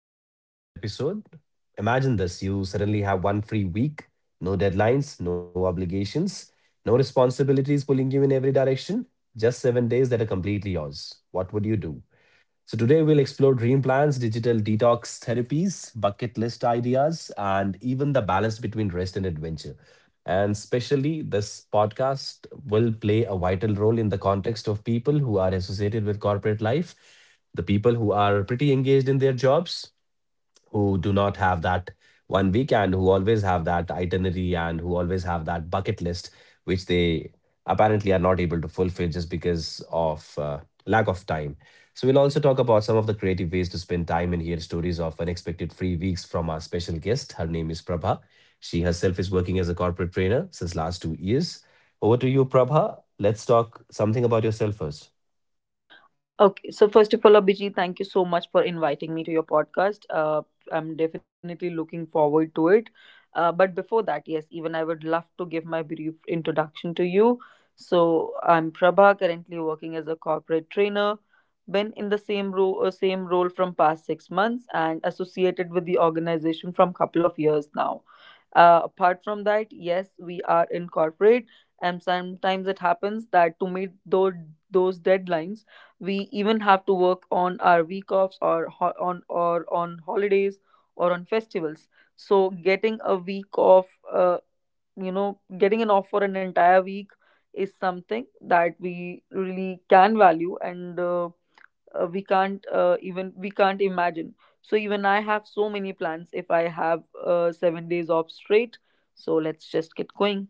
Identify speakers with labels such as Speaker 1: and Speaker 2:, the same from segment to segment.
Speaker 1: Good morning, everyone, and welcome to today's episode. Imagine this you suddenly have one free week, no deadlines, no obligations, no responsibilities pulling you in every direction, just 7 days that are completely yours. What would you do? So, today we'll explore dream plans, digital detox therapies, bucket list ideas, and even the balance between rest and adventure. And especially, this podcast will play a vital role in the context of people who are associated with corporate life, the people who are pretty engaged in their jobs, who do not have that one week and who always have that itinerary and who always have that bucket list, which they apparently are not able to fulfill just because of lack of time. So, we'll also talk about some of the creative ways to spend time and hear stories of unexpected free weeks from our special guest. Her name is Prabha. She herself is working as a corporate trainer since last 2 years. Over to you, Prabha. Let's talk something about yourself first.
Speaker 2: Okay, so first of all, Abhijit, thank you so much for inviting me to your podcast. I'm definitely looking forward to it. But before that, yes, even I would love to give my brief introduction to you. So I'm Prabha, currently working as a corporate trainer. Been in the same role, from past six months, and associated with the organization from couple of years now. Apart from that, yes, we are in corporate, and sometimes it happens that to meet those deadlines we even have to work on our week offs on or on holidays or on festivals, so getting a week off, getting an off for an entire week is something that we really can value, and we can't even we can't imagine. So even I have so many plans if I have 7 days off straight, so let's just get going.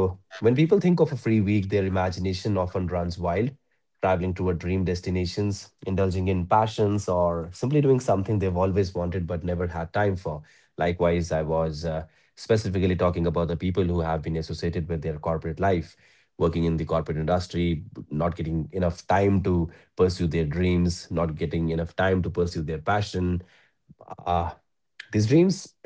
Speaker 1: Thank you, Prabha. So, when people think of a free week, their imagination often runs wild, traveling toward dream destinations, indulging in passions, or simply doing something they've always wanted but never had time for. Likewise, I was specifically talking about the people who have been associated with their corporate life, working in the corporate industry, not getting enough time to pursue their dreams, not getting enough time to pursue their passion. uh,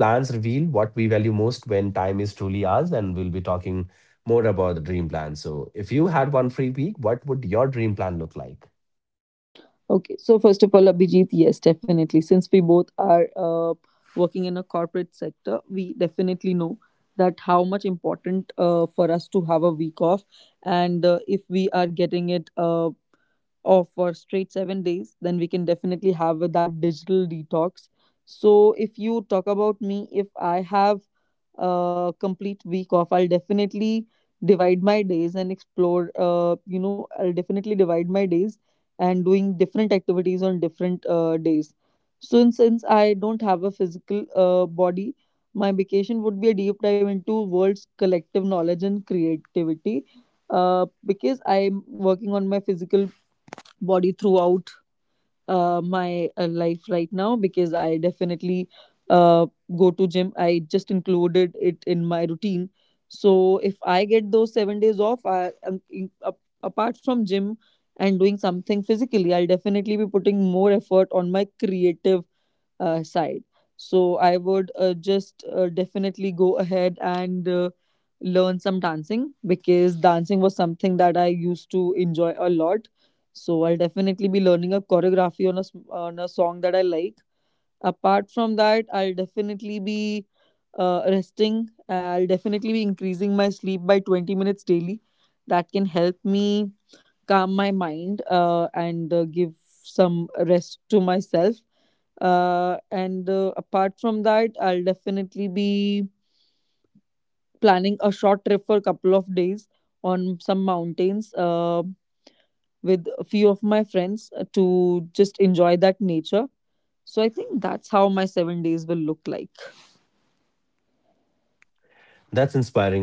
Speaker 1: these dreams plans reveal what we value most when time is truly ours, and we'll be talking more about the dream plan. So, if you had one free week, what would your dream plan look like?
Speaker 2: Okay, so first of all, Abhijit, yes, definitely. Since we both are working in a corporate sector, we definitely know that how much important for us to have a week off, and if we are getting it off for straight 7 days, then we can definitely have that digital detox. So, if you talk about me, if I have complete week off, I'll definitely divide my days and explore you know I'll definitely divide my days and doing different activities on different days. Since I don't have a physical body, my vacation would be a deep dive into world's collective knowledge and creativity, because I'm working on my physical body throughout my life right now, because I definitely uh, go to gym. I just included it in my routine. So if I get those 7 days off, I apart from gym and doing something physically, I'll definitely be putting more effort on my creative side. So I would just definitely go ahead and learn some dancing, because dancing was something that I used to enjoy a lot. So I'll definitely be learning a choreography on on a song that I like. Apart from that, I'll definitely be resting. I'll definitely be increasing my sleep by 20 minutes daily. That can help me calm my mind, and give some rest to myself, and apart from that, I'll definitely be planning a short trip for a couple of days on some mountains, with a few of my friends, to just enjoy that nature. So I think that's how my 7 days will look like.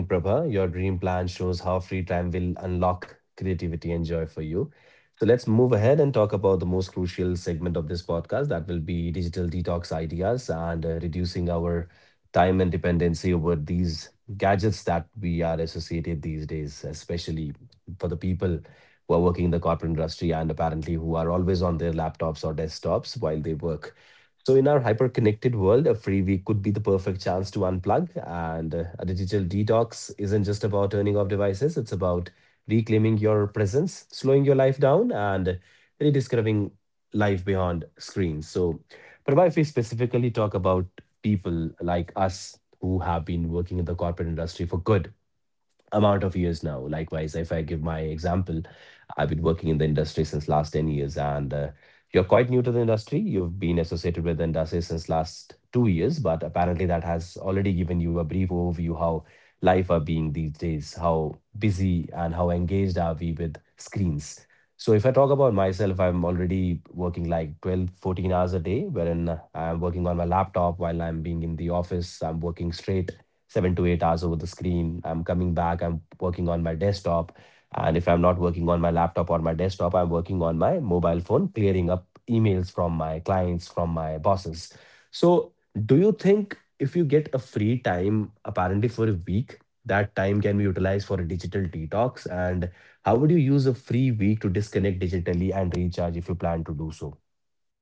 Speaker 1: That's inspiring, Prabha. Your dream plan shows how free time will unlock creativity and joy for you. So let's move ahead and talk about the most crucial segment of this podcast that will be digital detox ideas and reducing our time and dependency over these gadgets that we are associated these days, especially for the people who are working in the corporate industry and apparently who are always on their laptops or desktops while they work. So, in our hyper connected world, a free week could be the perfect chance to unplug. And a digital detox isn't just about turning off devices, it's about reclaiming your presence, slowing your life down, and rediscovering life beyond screens. So, Prabha, if we specifically talk about people like us who have been working in the corporate industry for good, amount of years now. Likewise, if I give my example, I've been working in the industry since last 10 years and you're quite new to the industry. You've been associated with the industry since last 2 years, but apparently that has already given you a brief overview how life are being these days, how busy and how engaged are we with screens. So if I talk about myself, I'm already working like 12, 14 hours a day, wherein I'm working on my laptop while I'm being in the office. I'm working straight 7 to 8 hours over the screen. I'm coming back, I'm working on my desktop. And if I'm not working on my laptop or my desktop, I'm working on my mobile phone, clearing up emails from my clients, from my bosses. So, do you think if you get a free time, apparently for a week, that time can be utilized for a digital detox? And how would you use a free week to disconnect digitally and recharge if you plan to do so?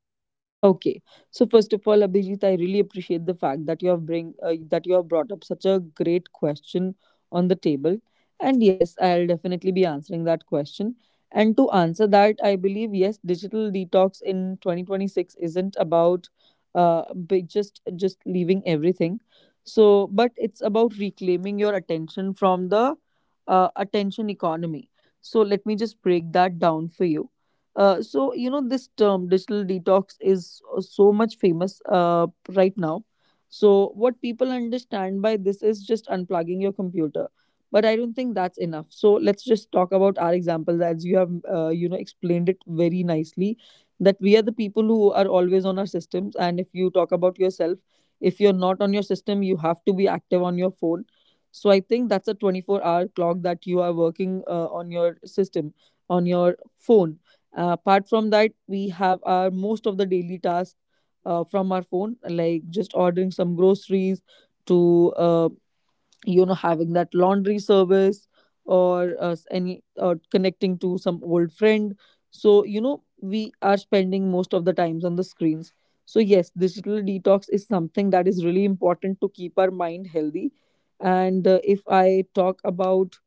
Speaker 2: Okay, so first of all, Abhijit, I really appreciate the fact that you have bring that you have brought up such a great question on the table, and yes, I'll definitely be answering that question. And to answer that, I believe yes, digital detox in 2026 isn't about big, just leaving everything. So, but it's about reclaiming your attention from the attention economy. So let me just break that down for you. So you know, this term digital detox is so much famous right now. So what people understand by this is just unplugging your computer, but I don't think that's enough. So let's just talk about our examples, as you have explained it very nicely that we are the people who are always on our systems, and if you talk about yourself, if you're not on your system, you have to be active on your phone. So I think that's a 24-hour clock that you are working on your system, on your phone. Apart from that, we have our most of the daily tasks from our phone, like just ordering some groceries to having that laundry service, or s- any or connecting to some old friend. So you know, we are spending most of the times on the screens. So yes, digital detox is something that is really important to keep our mind healthy. And if I talk about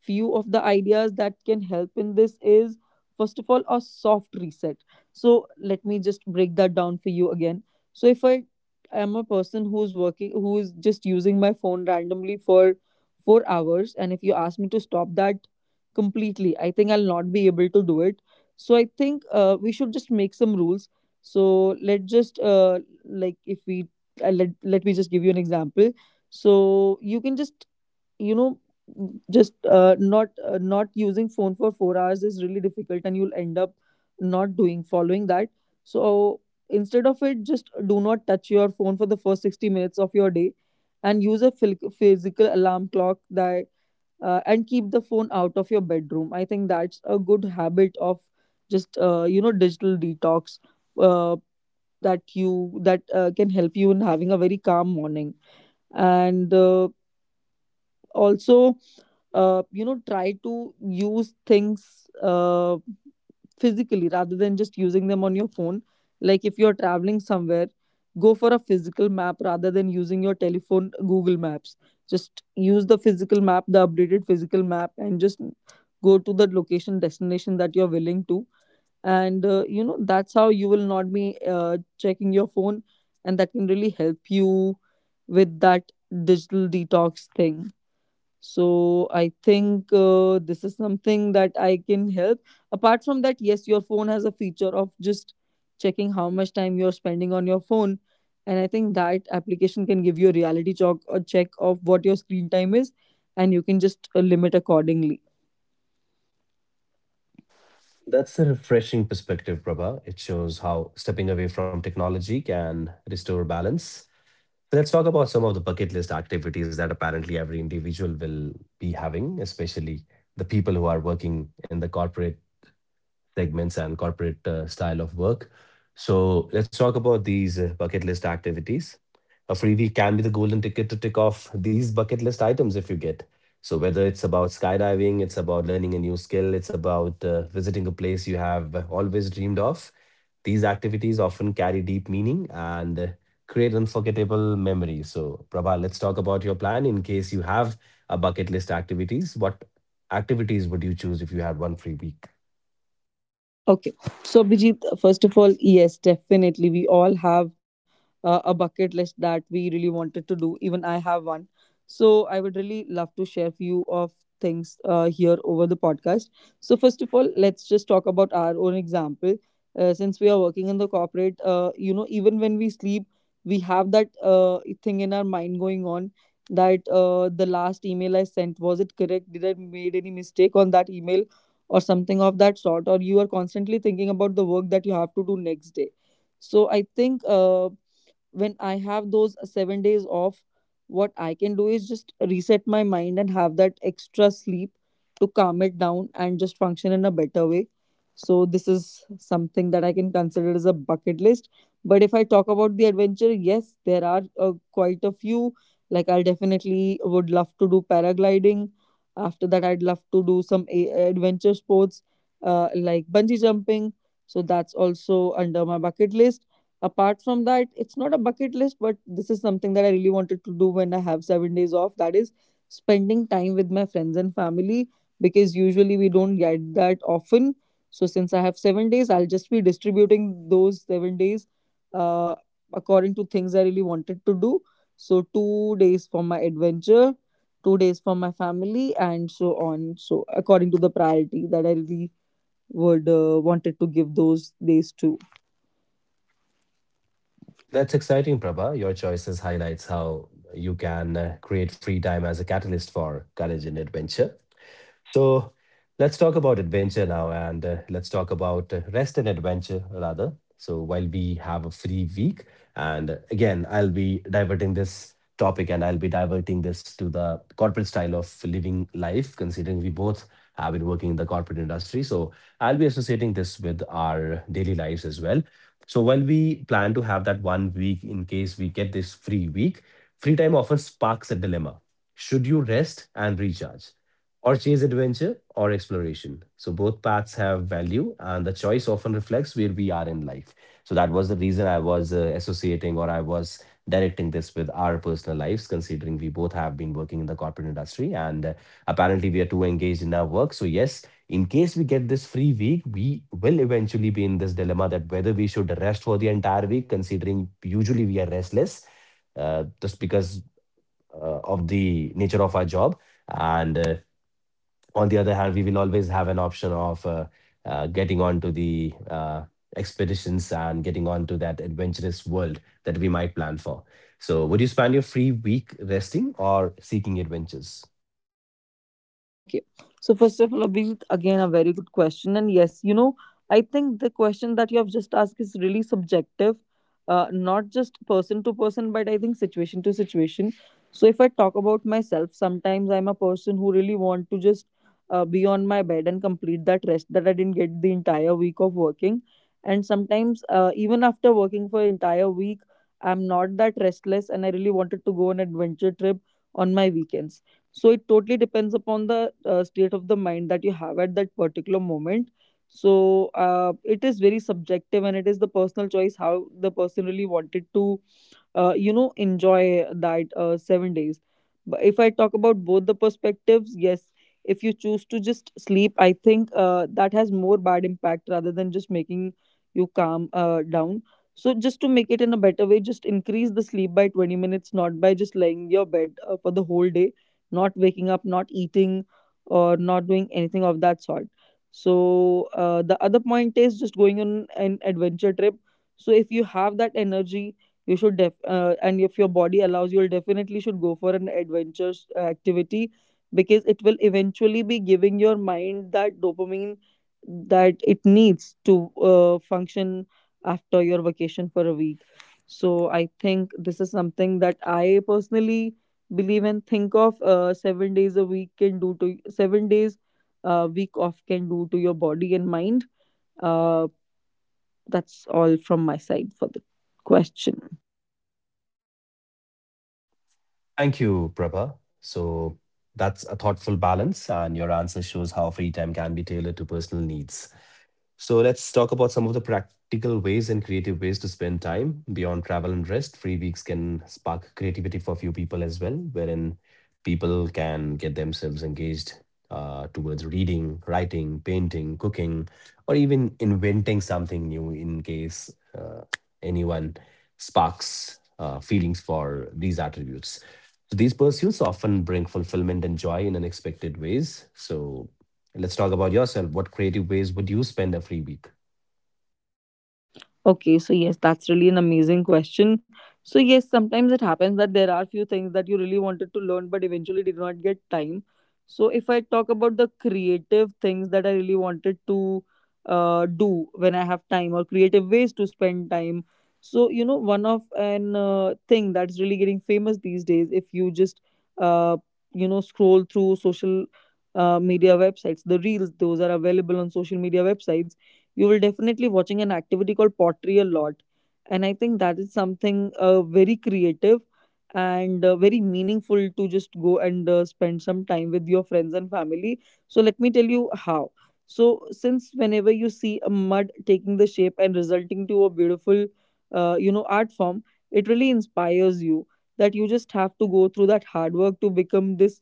Speaker 2: few of the ideas that can help in this is first of all a soft reset. So let me just break that down for you again. So if I am a person who's working, who's just using my phone randomly for 4 hours, and if you ask me to stop that completely, I think I'll not be able to do it. So I think we should just make some rules. So let just like if we let, Let me just give you an example. So you can just, you know, just not not using phone for 4 hours is really difficult, and you'll end up not doing following that. So instead of it, just do not touch your phone for the first 60 minutes of your day, and use a physical alarm clock, that and keep the phone out of your bedroom. I think that's a good habit of just you know digital detox uh, that you that can help you in having a very calm morning. And also, try to use things physically rather than just using them on your phone. Like if you're traveling somewhere, go for a physical map rather than using your telephone google maps. Just use the physical map, the updated physical map, and just go to the location destination that you're willing to. And that's how you will not be checking your phone, and that can really help you with that digital detox thing. So I think this is something that I can help. Apart from that, yes, your phone has a feature of just checking how much time you're spending on your phone. And I think that application can give you a reality check, a check of what your screen time is, and you can just limit accordingly.
Speaker 1: That's a refreshing perspective, Prabha. It shows how stepping away from technology can restore balance. So let's talk about some of the bucket list activities that apparently every individual will be having, especially the people who are working in the corporate segments and corporate style of work. So let's talk about these bucket list activities. A freebie can be the golden ticket to tick off these bucket list items if you get. So whether it's about skydiving, it's about learning a new skill, it's about visiting a place you have always dreamed of. These activities often carry deep meaning and create unforgettable memories. So, Prabha, let's talk about your plan in case you have a bucket list activities. What activities would you choose if you had one free week?
Speaker 2: Okay. So, Bijit, first of all, yes, definitely. We all have a bucket list that we really wanted to do. Even I have one. So I would really love to share few of things here over the podcast. So, first of all, let's just talk about our own example. Since we are working in the corporate, even when we sleep, we have that thing in our mind going on that the last email I sent, was it correct? Did I made any mistake on that email? Or something of that sort, or you are constantly thinking about the work that you have to do next day. So I think when I have those 7 days off, what I can do is just reset my mind and have that extra sleep to calm it down and just function in a better way. So this is something that I can consider as a bucket list. But if I talk about the adventure, yes, there are quite a few. Like I definitely would love to do paragliding. After that, I'd love to do some adventure sports, like bungee jumping. So that's also under my bucket list. Apart from that, it's not a bucket list, but this is something that I really wanted to do when I have 7 days off. That is spending time with my friends and family, because usually we don't get that often. So since I have 7 days, I'll just be distributing those 7 days uh, according to things I really wanted to do. So 2 days for my adventure, 2 days for my family, and so on. So according to the priority that I really would wanted to give those days to.
Speaker 1: That's exciting, Prabha. Your choices highlights how you can create free time as a catalyst for courage and adventure. So let's talk about adventure now, and let's talk about rest and adventure rather. So while we have a free week, and again, I'll be diverting this topic and I'll be diverting this to the corporate style of living life, considering we both have been working in the corporate industry. So I'll be associating this with our daily lives as well. So while we plan to have that one week in case we get this free week, free time often sparks a dilemma. Should you rest and recharge? Or chase adventure or exploration. So both paths have value, and the choice often reflects where we are in life. So that was the reason I was associating or I was directing this with our personal lives, considering we both have been working in the corporate industry and apparently we are too engaged in our work. So, yes, in case we get this free week, we will eventually be in this dilemma that whether we should rest for the entire week, considering usually we are restless just because of the nature of our job. And on the other hand, we will always have an option of getting onto the expeditions and getting onto that adventurous world that we might plan for. So, would you spend your free week resting or seeking adventures?
Speaker 2: Okay. So first of all, Abhijit, again a very good question. And yes, you know, I think the question that you have just asked is really subjective, not just person to person, but I think situation to situation. So if I talk about myself, sometimes I'm a person who really want to just be on my bed and complete that rest that I didn't get the entire week of working. And sometimes even after working for entire week, I'm not that restless, and I really wanted to go on adventure trip on my weekends. So it totally depends upon the state of the mind that you have at that particular moment. So it is very subjective, and it is the personal choice how the person really wanted to, enjoy that 7 days. But if I talk about both the perspectives, yes, if you choose to just sleep, I think that has more bad impact rather than just making you calm down. So just to make it in a better way, just increase the sleep by 20 minutes, not by just laying your bed for the whole day, not waking up, not eating, or not doing anything of that sort. So the other point is just going on an adventure trip. So if you have that energy, you should def and if your body allows, you'll definitely should go for an adventure activity, because it will eventually be giving your mind that dopamine that it needs to function after your vacation for a week. So I think this is something that I personally believe and think of 7 days a week can do to 7 days a week off can do to your body and mind. Uh, that's all from my side for the question.
Speaker 1: Thank you, Prabha. So, that's a thoughtful balance, and your answer shows how free time can be tailored to personal needs. So let's talk about some of the practical ways and creative ways to spend time beyond travel and rest. Free weeks can spark creativity for few people as well, wherein people can get themselves engaged towards reading, writing, painting, cooking, or even inventing something new in case anyone sparks feelings for these attributes. So these pursuits often bring fulfillment and joy in unexpected ways. So let's talk about yourself. What creative ways would you spend a free week?
Speaker 2: Okay, so yes, that's really an amazing question. So yes, sometimes it happens that there are few things that you really wanted to learn but eventually did not get time. So if I talk about the creative things that I really wanted to do when I have time or creative ways to spend time. So you know, one of an thing that's really getting famous these days, if you just uh, you know, scroll through social media websites, the reels those are available on social media websites, you will definitely watching an activity called pottery a lot, and I think that is something very creative and very meaningful to just go and spend some time with your friends and family. So let me tell you how. So since whenever you see a mud taking the shape and resulting to a beautiful you know, art form, it really inspires you that you just have to go through that hard work to become this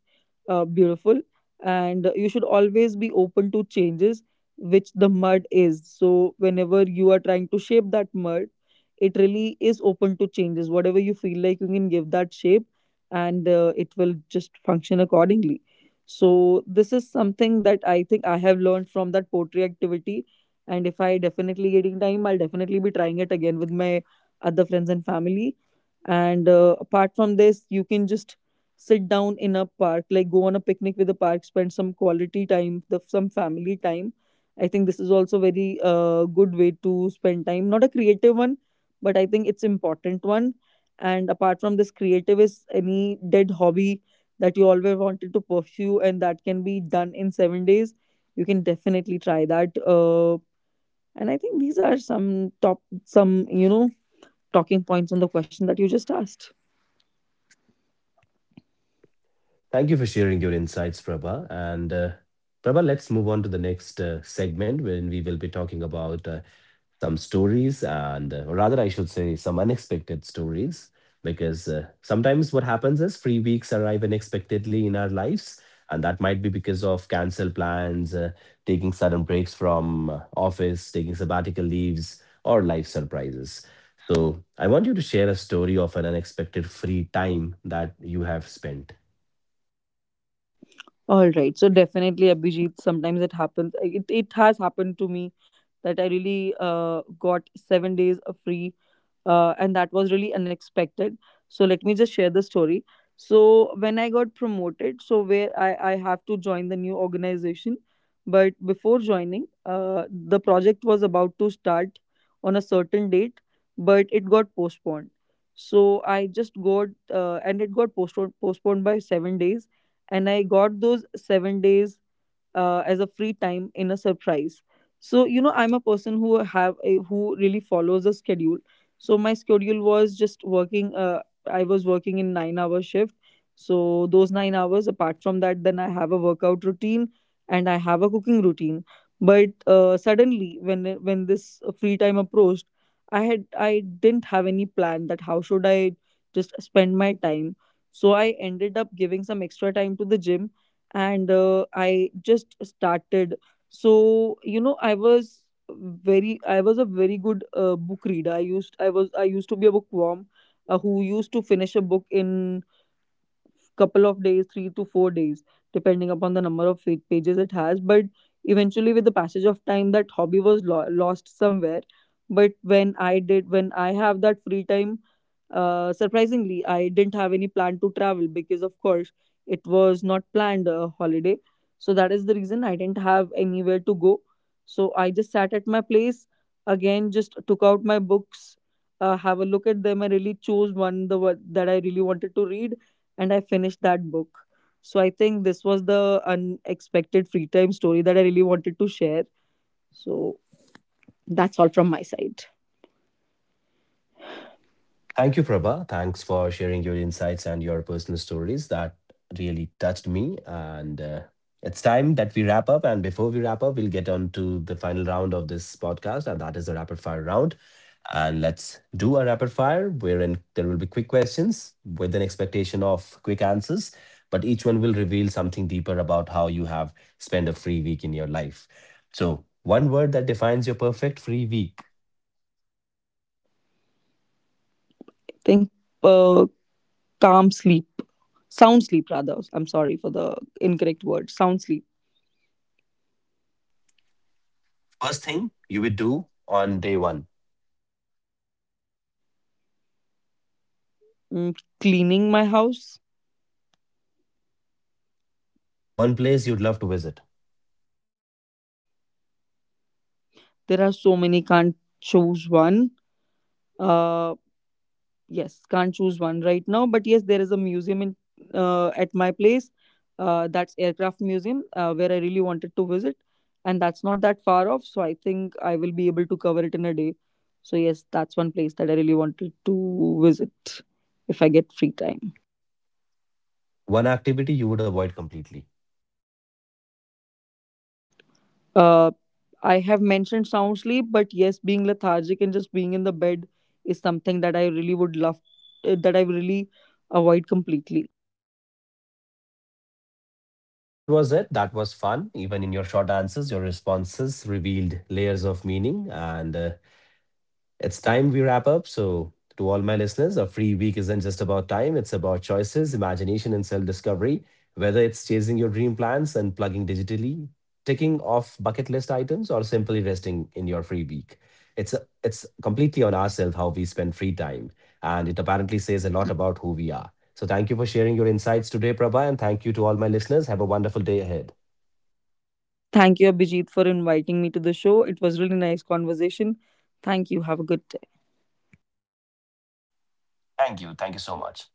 Speaker 2: beautiful, and you should always be open to changes, which the mud is. So, whenever you are trying to shape that mud, it really is open to changes. Whatever you feel like, you can give that shape and it will just function accordingly. So, this is something that I think I have learned from that pottery activity. And if I definitely getting time, I'll definitely be trying it again with my other friends and family. And apart from this, you can just sit down in a park, like go on a picnic with a park, spend some quality time, the, some family time. I think this is also very good way to spend time. Not a creative one, but I think it's important one. And apart from this, creative is any dead hobby that you always wanted to pursue and that can be done in 7 days. You can definitely try that. And I think these are some top, some you know, talking points on the question that you just asked.
Speaker 1: Thank you for sharing your insights, Prabha. And Prabha, let's move on to the next segment when we will be talking about some stories and, or rather, I should say, some unexpected stories. Because sometimes what happens is free weeks arrive unexpectedly in our lives. And that might be because of cancel plans, taking sudden breaks from office, taking sabbatical leaves, or life surprises. So I want you to share a story of an unexpected free time that you have spent.
Speaker 2: All right. So definitely, Abhijit, sometimes it happens. It has happened to me that I really got 7 days of free, and that was really unexpected. So let me just share the story. So when I got promoted, so where I have to join the new organization, but before joining, the project was about to start on a certain date, but it got postponed. So I just got and it got postponed by 7 days, and I got those 7 days as a free time in a surprise. So you know, I'm a person who who really follows a schedule. So my schedule was just working. I was working in 9 hour shift. So those 9 hours. Apart from that, then I have a workout routine and I have a cooking routine. But suddenly, when this free time approached, I didn't have any plan that how should I just spend my time, so I ended up giving some extra time to the gym, and I just started. So, you know, I was a very good book reader. I used to be a bookworm who used to finish a book in couple of days, 3 to 4 days, depending upon the number of pages it has. But eventually, with the passage of time, that hobby was lost somewhere. But when I did, when I have that free time, surprisingly, I didn't have any plan to travel because, of course, it was not planned a holiday. So that is the reason I didn't have anywhere to go. So I just sat at my place again, just took out my books, have a look at them. I really chose one the one that I really wanted to read, and I finished that book. So I think this was the unexpected free time story that I really wanted to share. So that's all from my side.
Speaker 1: Thank you, Prabha. Thanks for sharing your insights and your personal stories. That really touched me. And it's time that we wrap up. And before we wrap up, we'll get on to the final round of this podcast, and that is the rapid fire round. And let's do a rapid fire wherein there will be quick questions with an expectation of quick answers, but each one will reveal something deeper about how you have spent a free week in your life. So, one word that defines your perfect free week.
Speaker 2: I think uh, calm sleep, sound sleep rather. I'm sorry for the incorrect word, sound sleep.
Speaker 1: First thing you would do on day one.
Speaker 2: Mm, cleaning my house.
Speaker 1: One place you'd love to visit,
Speaker 2: There are so many, can't choose one. Uh, yes, can't choose one right now, but yes, there is a museum in at my place, that's aircraft museum where I really wanted to visit, and that's not that far off, so I think I will be able to cover it in a day. So yes, that's one place that I really wanted to visit if I get free time.
Speaker 1: one activity you would avoid completely.
Speaker 2: uh, I have mentioned sound sleep, but yes, being lethargic and just being in the bed is something that I really would love that I really avoid completely.
Speaker 1: That was it. That was fun. Even in your short answers, your responses revealed layers of meaning and it's time we wrap up. So, to all my listeners, a free week isn't just about time, it's about choices, imagination, and self discovery. Whether it's chasing your dream plans and plugging digitally, ticking off bucket list items, or simply resting in your free week, it's, it's completely on ourselves how we spend free time. And it apparently says a lot about who we are. So, thank you for sharing your insights today, Prabha, and thank you to all my listeners. Have a wonderful day ahead.
Speaker 2: Thank you, Abhijit, for inviting me to the show. It was really nice conversation. Thank you. Have a good
Speaker 1: Thank you. Thank you so much.